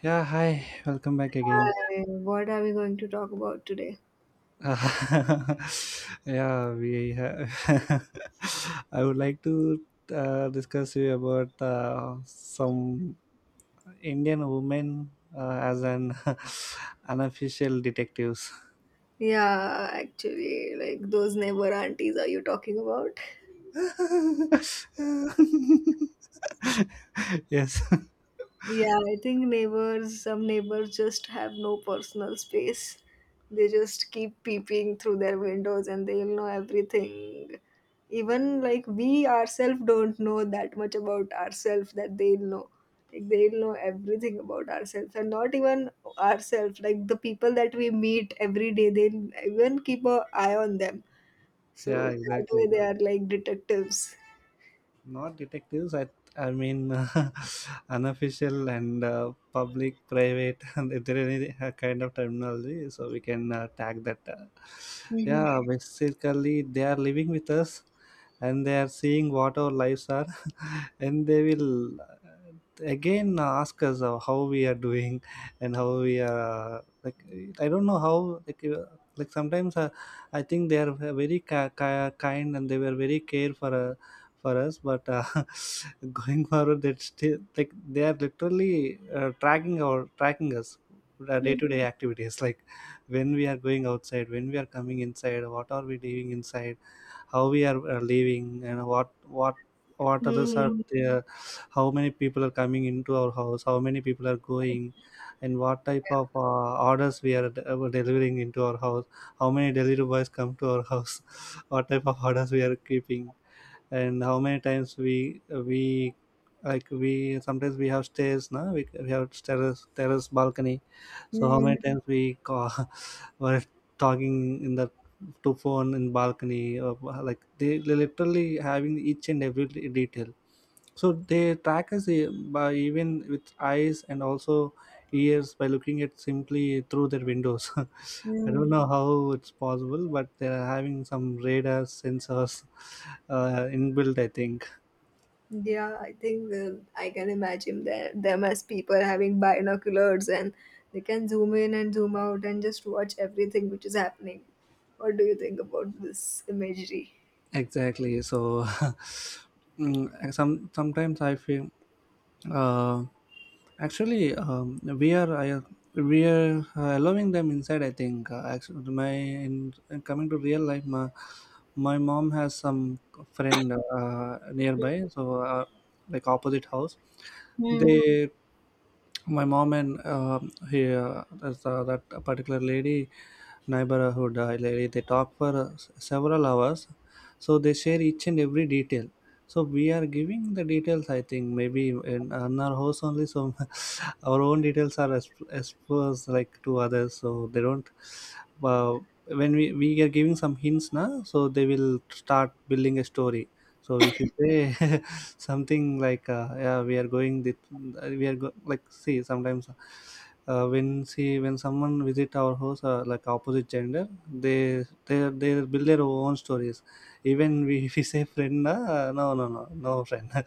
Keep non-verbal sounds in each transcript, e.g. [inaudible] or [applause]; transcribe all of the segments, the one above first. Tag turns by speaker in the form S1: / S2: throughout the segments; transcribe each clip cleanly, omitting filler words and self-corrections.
S1: Yeah, hi, welcome back again.
S2: Hi, what are we going to talk about today?
S1: [laughs] yeah, we have. [laughs] I would like to discuss you about some Indian women as an [laughs] unofficial detectives.
S2: Yeah, actually, like those neighbor aunties are you talking about?
S1: [laughs] Yes.
S2: Yeah, I think neighbors, some neighbors just have no personal space. They just keep peeping through their windows and they'll know everything. Even like we ourselves don't know that much about ourselves that they'll know. Like they'll know everything about ourselves and not even ourselves, like the people that we meet every day, they'll even keep an eye on them.
S1: Yeah,
S2: So that way
S1: exactly.
S2: they are like detectives.
S1: Not detectives, I mean [laughs] unofficial and public private [laughs] and if there any kind of terminology so we can tag that
S2: Mhm.
S1: yeah, basically they are living with us and they are seeing what our lives are [laughs] and they will again ask us how we are doing and how we are like, I don't know how, like uh, like sometimes I think they are very kind and they were very care for us, but [laughs] going forward that still like they are literally tracking us our
S2: Mm,
S1: day-to-day activities, [laughs] like when we are going outside, when we are coming inside, what are we leaving inside, how we are leaving and what what others are
S2: hmm
S1: there, how many people are coming into our house, how many people are going, and what type of orders we are delivering into our house, how many delivery boys come to our house, [laughs] what type of orders we are keeping, and how many times we like we sometimes we have stairs, now we have terrace balcony, so how
S2: mm,
S1: many times we call [laughs] were talking in the to phone in balcony, or like they literally having each and every detail. So they track us by even with eyes and also ears by looking at simply through their windows. [laughs] I don't
S2: mm.
S1: know how it's possible, but they're having some radar sensors inbuilt, I think.
S2: Yeah, I think I can imagine that them as people having binoculars and they can zoom in and zoom out and just watch everything which is happening. What do you think about this imagery?
S1: Exactly. So [laughs] sometimes I feel uh, actually we are allowing them inside, I think. Actually my, in coming to real life, my mom has some friend nearby, so like opposite house,
S2: Mm,
S1: they, my mom and he, that particular lady, neighborhood lady, they talk for several hours, so they share each and every detail. So we are giving the details, I think maybe in our house only. So [laughs] our own details are exposed, like, to others, so they don't uh, when we are giving some hints now, so they will start building a story. So if you say [laughs] something like, "Yeah, we are going," that like, see, sometimes when, see, when someone visit our house, like opposite gender, they build their own stories. Even we, [laughs] if we say friend, no, no, no, no friend. [laughs]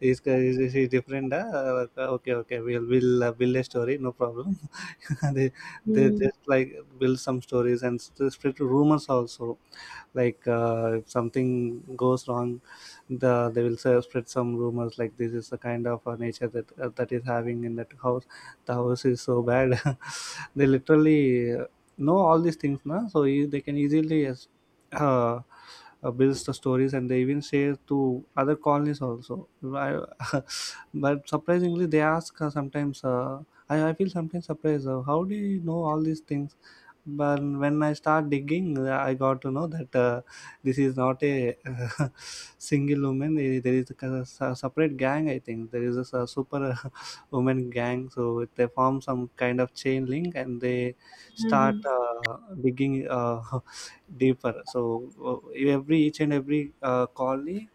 S1: Is different. Like, okay, okay, we'll build a story, no problem. [laughs] they they
S2: mm,
S1: just like build some stories and spread rumors also. Like, if something goes wrong, they will say, spread some rumors like this is the kind of nature that that is having in that house, the house is so bad. [laughs] They literally know all these things, na? So they can easily uh, builds the stories, and they even share to other colonies also. I, [laughs] but surprisingly they ask sometimes I feel sometimes surprised, how do you know all these things? But when I start digging, I got to know that this is not a [laughs] single woman. Eh, there is a kind of separate gang, I think. There is a super [laughs] woman gang, so they form some kind of chain link, and they start
S2: mhm,
S1: digging [laughs] deeper. So every each and every colony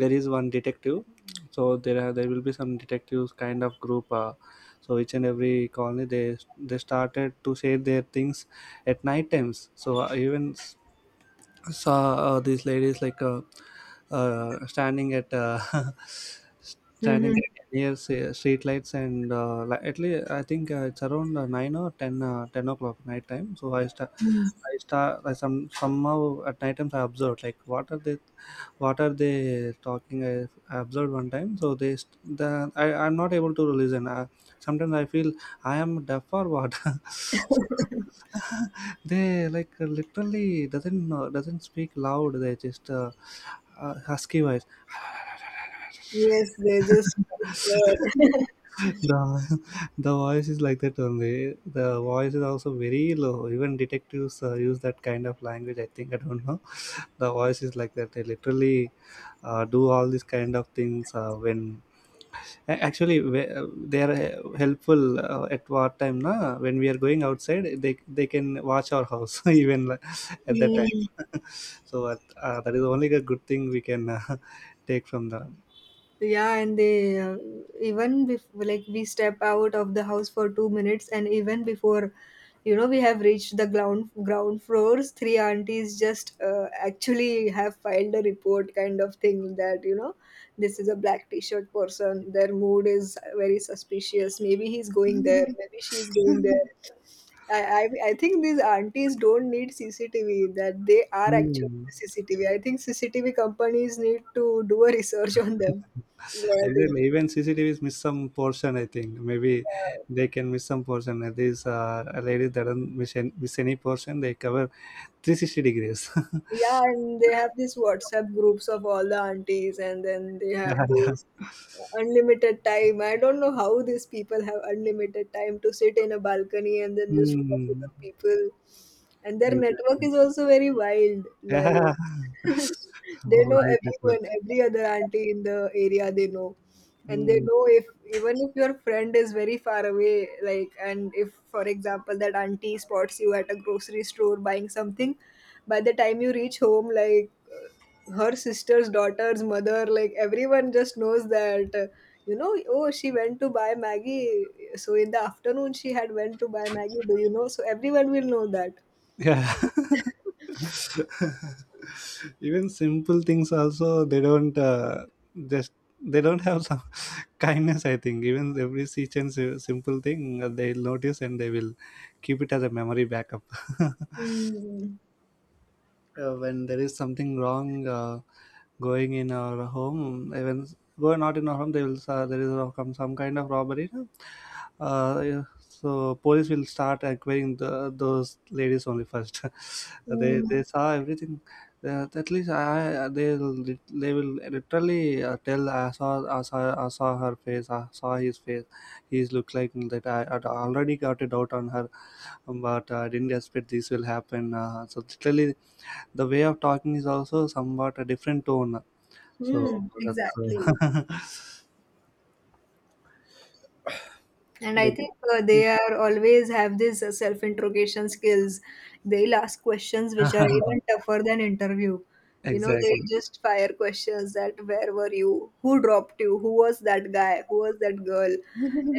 S1: there is one detective, so there are, there will be some detectives kind of group, so each and every colony they started to say their things at night times. So even saw these ladies like standing at [laughs] standing
S2: mhm,
S1: near street lights, and at least I think it's around nine or 10, 10 o'clock night time. So I start.
S2: mm.
S1: I start I some somehow at night times I observed like what are they, what are they talking. I observed one time, so they st- the I, I'm not able to listen. Sometimes I feel I am deaf or what. [laughs] So [laughs] they like literally doesn't know, doesn't speak loud. They just husky voice.
S2: Yes, they just
S1: [laughs]
S2: whispered. [laughs]
S1: the the voice is like that only. The voice is also very low. Even detectives use that kind of language, I think. I don't know. The voice is like that. They literally do all these kind of things when actually they are helpful at what time, na? When we are going outside, they can watch our house. [laughs] Even at that time.
S2: Hmm.
S1: [laughs] So at, that is only a good thing we can [laughs] take from the.
S2: Yeah, and they even like we step out of the house for 2 minutes and even before you know we have reached the ground floors, three aunties just actually have filed a report kind of thing that, you know, this is a black t-shirt person, their mood is very suspicious, maybe he's going there, maybe she's going there. I, I I think these aunties don't need CCTV. That they are actually
S1: Hmm.
S2: the CCTV. I think CCTV companies need to do a research on them. Is what I
S1: Exactly. Even CCTVs miss some portion, I think. Maybe
S2: think.
S1: they can miss some portion. These ladies that don't miss any portion. They cover 360 degrees.
S2: Yeah, and they have these WhatsApp groups of all the aunties, and then they
S1: [laughs]
S2: have
S1: Yeah.
S2: this unlimited time. I don't know how these people have unlimited time to sit in a balcony and then just watch
S1: Hmm.
S2: other people. And their network
S1: Exactly.
S2: is also very wild.
S1: Yeah.
S2: Like [laughs]
S1: [laughs]
S2: they know
S1: Wide
S2: everyone,
S1: network.
S2: every other auntie in the area they know. And they
S1: Hmm.
S2: know, if even if your friend is very far away, like, and if for example that auntie spots you at a grocery store buying something, by the time you reach home, like, her sister's daughter's mother, like everyone just knows that, you know, oh, she went to buy maggie, so in the afternoon she had went to buy maggie, do you know, so everyone will know that.
S1: Yeah, [laughs] even simple things also they don't just they don't have some [laughs] kindness, I think. Even every such and simple thing, they'll notice, and they will keep it as a memory backup. [laughs]
S2: Mm.
S1: When there is something wrong going in our home, even go not in our home, they will there is come some kind of robbery, yeah, so police will start acquiring the, those ladies only first. [laughs] they
S2: Mm.
S1: they saw everything. At least I, they will literally tell, I saw, I saw her face, I saw his face, he's looked like that, I had already got a doubt on her, but I didn't expect this will happen. So literally the way of talking is also somewhat a different tone. So
S2: Mm.
S1: that's
S2: Exactly.
S1: uh,
S2: And I
S1: [laughs] like
S2: think they are always have this self interrogation skills. They'll ask questions which are even
S1: [laughs]
S2: tougher than interview. You know, they
S1: exactly.
S2: just fire questions that where were you, who dropped you, who was that guy, who was that girl,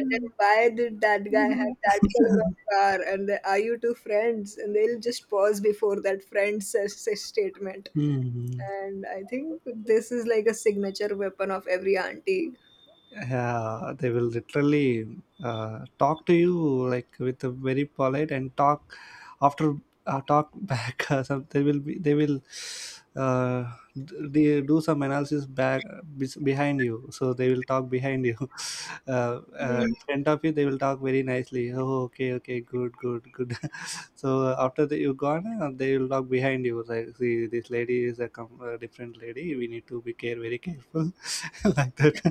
S2: and then why did that guy have that color of car, and the, are you two friends, and they'll just pause before that friend says statement.
S1: Hmm.
S2: And I think this is like a signature weapon of every auntie.
S1: Yeah, they will literally talk to you like with a very polite, and talk after talk back, [laughs] some they will uh, do some analysis back behind you, so they will talk behind you. [laughs]
S2: Mm.
S1: In front of you they will talk very nicely, oh, okay, okay, good, good, good. [laughs] So after that you gone, they will talk behind you like, see, this lady is a different lady, we need to be care very careful. [laughs] Like that,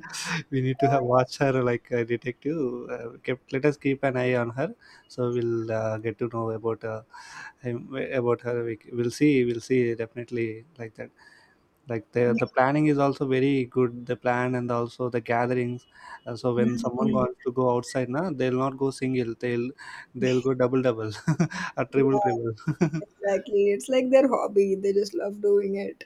S1: we need to have watch her like a detective. Kept, let us keep an eye on her, so we'll get to know about him, about her. We, we'll see. We'll see definitely, like that. Like the planning is also very good. The plan and also the gatherings. So when someone wants to go outside, na, they'll not go single. They'll go double double, [laughs] or triple triple. [laughs]
S2: Exactly. It's like their hobby. They just love doing it.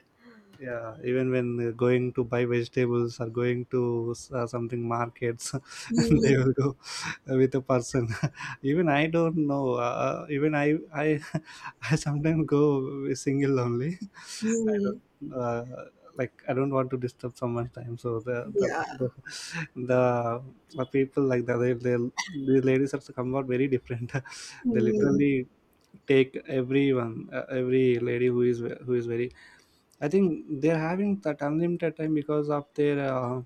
S1: Yeah, even when going to buy vegetables or going to something markets, [laughs] and
S2: Mm,
S1: they will go with a person. [laughs] Even I don't know, even I [laughs] I sometimes go single only. [laughs] I
S2: mm,
S1: don't like, I don't want to disturb someone's time. So the
S2: yeah.
S1: the, the, the people like that, they the ladies have come out very different. [laughs] They
S2: Mm.
S1: literally take everyone, every lady who is very, I think they're having that unlimited time because of their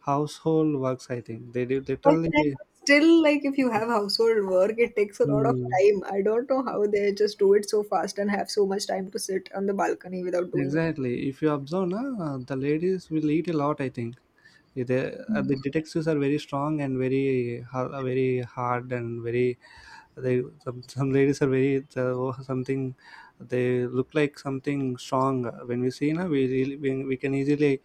S1: household works, I think they do
S2: But then
S1: literally.
S2: still, like, if you have household work, it takes a lot of
S1: Hmm.
S2: time. I don't know how they just do it so fast and have so much time to sit on the balcony without doing
S1: Exactly. If you observe, na, the ladies will eat a lot, I think. They, the detectives are very strong and very very hard and very. They some ladies are very the, something. They look like something strong. When we see, na, we really, we can easily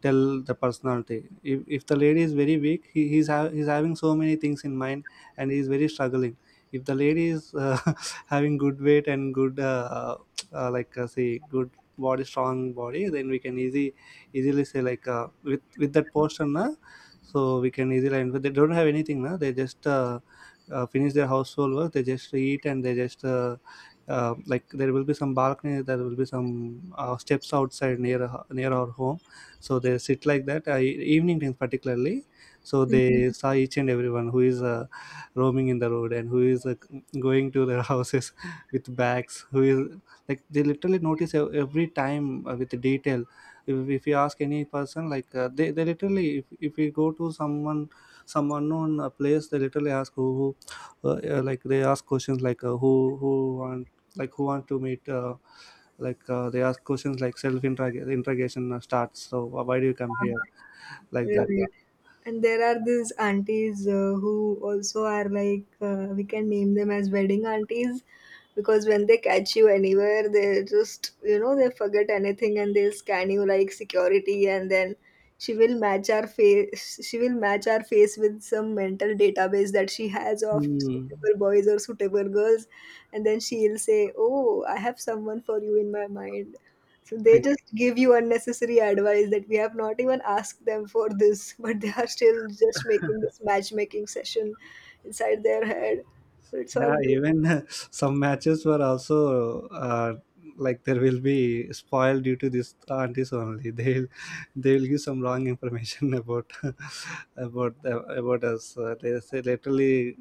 S1: tell the personality. If the lady is very weak, he, he's having so many things in mind, and he's very struggling. If the lady is [laughs] having good weight and good like, say, good body, strong body, then we can easy easily say like, with that portion, na, so we can easily. And but they don't have anything, na, they just finish their household work, they just eat, and they just like there will be some balcony, there will be some steps outside near near our home, so they sit like that. Evening times particularly, so they,
S2: it.
S1: Mhm, saw each and everyone who is roaming in the road, and who is going to their [laughs] houses with bags, who is like they literally notice every time with detail. If you ask any person like, they literally, if we go to someone some unknown place, they literally ask who like, they ask questions like, who who want, like, who want to meet like, they ask questions like self interrogation starts. So why do you come here, like that.
S2: Right. And there are these aunties who also are like, we can name them as wedding aunties, because when they catch you anywhere, they just, you know, they forget anything and they'll scan you like security, and then she will match our face with some mental database that she has of
S1: Mm.
S2: suitable boys or suitable girls. And then she'll say, "Oh, I have someone for you in my mind." So they just give you unnecessary advice that we have not even asked them for this, [laughs] but they are still just making this matchmaking session inside their head. So it's all
S1: Yeah,
S2: you.
S1: even [laughs] some matches were also like there will be spoiled due to this aunties only. [laughs] They'll give some wrong information [laughs] about about us. They say literally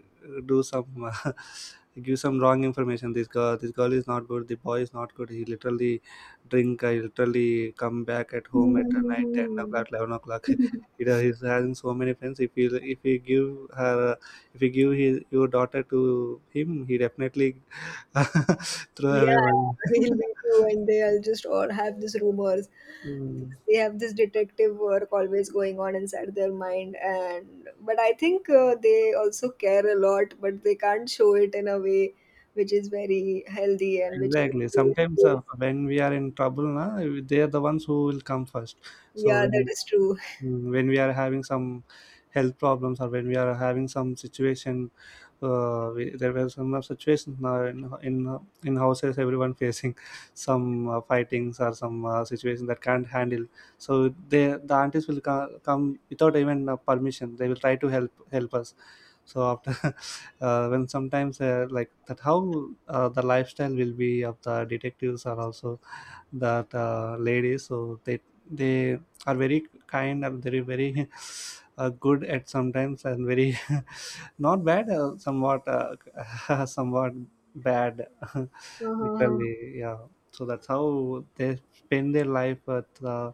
S1: do some [laughs] give some wrong information. This girl is not good. The boy is not good. He literally drink. I literally come back at home at night ten
S2: Mhm.
S1: o'clock, 11 o'clock. [laughs]
S2: [laughs]
S1: He does, he's having so many friends. If he give her, if you give his, your daughter to him, he definitely [laughs] throw away
S2: Yeah,
S1: one.
S2: we'll meet
S1: [laughs]
S2: you one day. I'll just all have these rumors.
S1: Mm,
S2: They have this detective work always going on inside their mind, and but I think they also care a lot, but they can't show it in a way which is very healthy and which
S1: exactly,
S2: is,
S1: sometimes when we are in trouble, na, they are the ones who will come first. So
S2: yeah, that
S1: when,
S2: is true.
S1: Mm, when we are having some health problems or when we are having some situation, there were some of situations now in in houses everyone facing some fightings or some situation that can't handle. So they the aunties will come without even permission, they will try to help us. So after [laughs] when sometimes like that, how the lifestyle will be of the detectives are also that lady, so they are very kind and very very [laughs] good at sometimes, and very [laughs] not bad, somewhat [laughs] somewhat bad. [laughs]
S2: Uh-huh.
S1: Literally, yeah. So that's how they spend their life with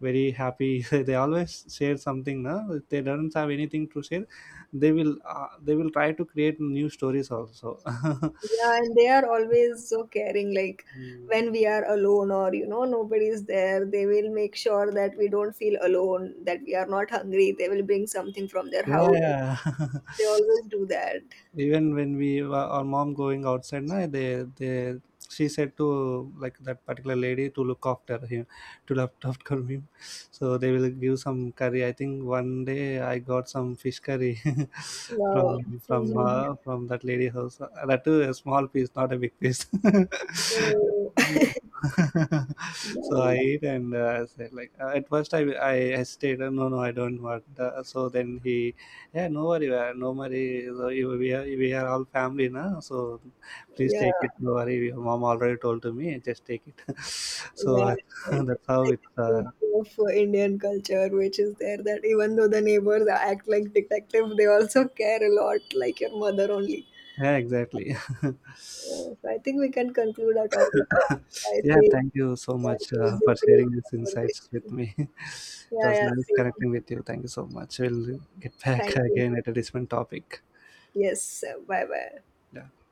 S1: very happy. [laughs] They always share something, no? If they don't have anything to share, they will try to create new stories also. [laughs]
S2: Yeah, and they are always so caring. Like
S1: Mm.
S2: when we are alone or, you know, nobody is there, they will make sure that we don't feel alone, that we are not hungry. They will bring something from their
S1: Yeah,
S2: house.
S1: yeah.
S2: They
S1: [laughs]
S2: always do that.
S1: Even when we were, our mom going outside, na, they she said to like that particular lady to look after him, to look after him. So they will give some curry, I think. One day I got some fish curry [laughs]
S2: Wow.
S1: from
S2: Hmm.
S1: her, from that lady house. That too a small piece, not a big piece.
S2: So, [laughs]
S1: [laughs] So I
S2: nice.
S1: ate, and I said like, at first I hesitated, no, no, I don't want, so then he, yeah, no worry, no worry. So you, we are all family now, so please
S2: Yeah,
S1: take it. No worry, your mom already told to me. Just take it. [laughs] So
S2: yeah.
S1: [laughs]
S2: It's
S1: that's how
S2: like
S1: it.
S2: beauty of Indian culture, which is there, that even though the neighbors act like detective, they also care a lot, like your mother only.
S1: Yeah, exactly. [laughs]
S2: Yeah, so I think we can conclude our topic. I
S1: Yeah,
S2: say,
S1: thank you so
S2: yeah, it
S1: much
S2: was a
S1: for
S2: great
S1: sharing these insights with
S2: conversation.
S1: me. [laughs] It
S2: Yeah,
S1: was
S2: yeah,
S1: nice
S2: same.
S1: connecting with you. Thank you so much. We'll get back [laughs]
S2: Thank you.
S1: again at a different topic.
S2: Yes, bye bye.
S1: Yeah.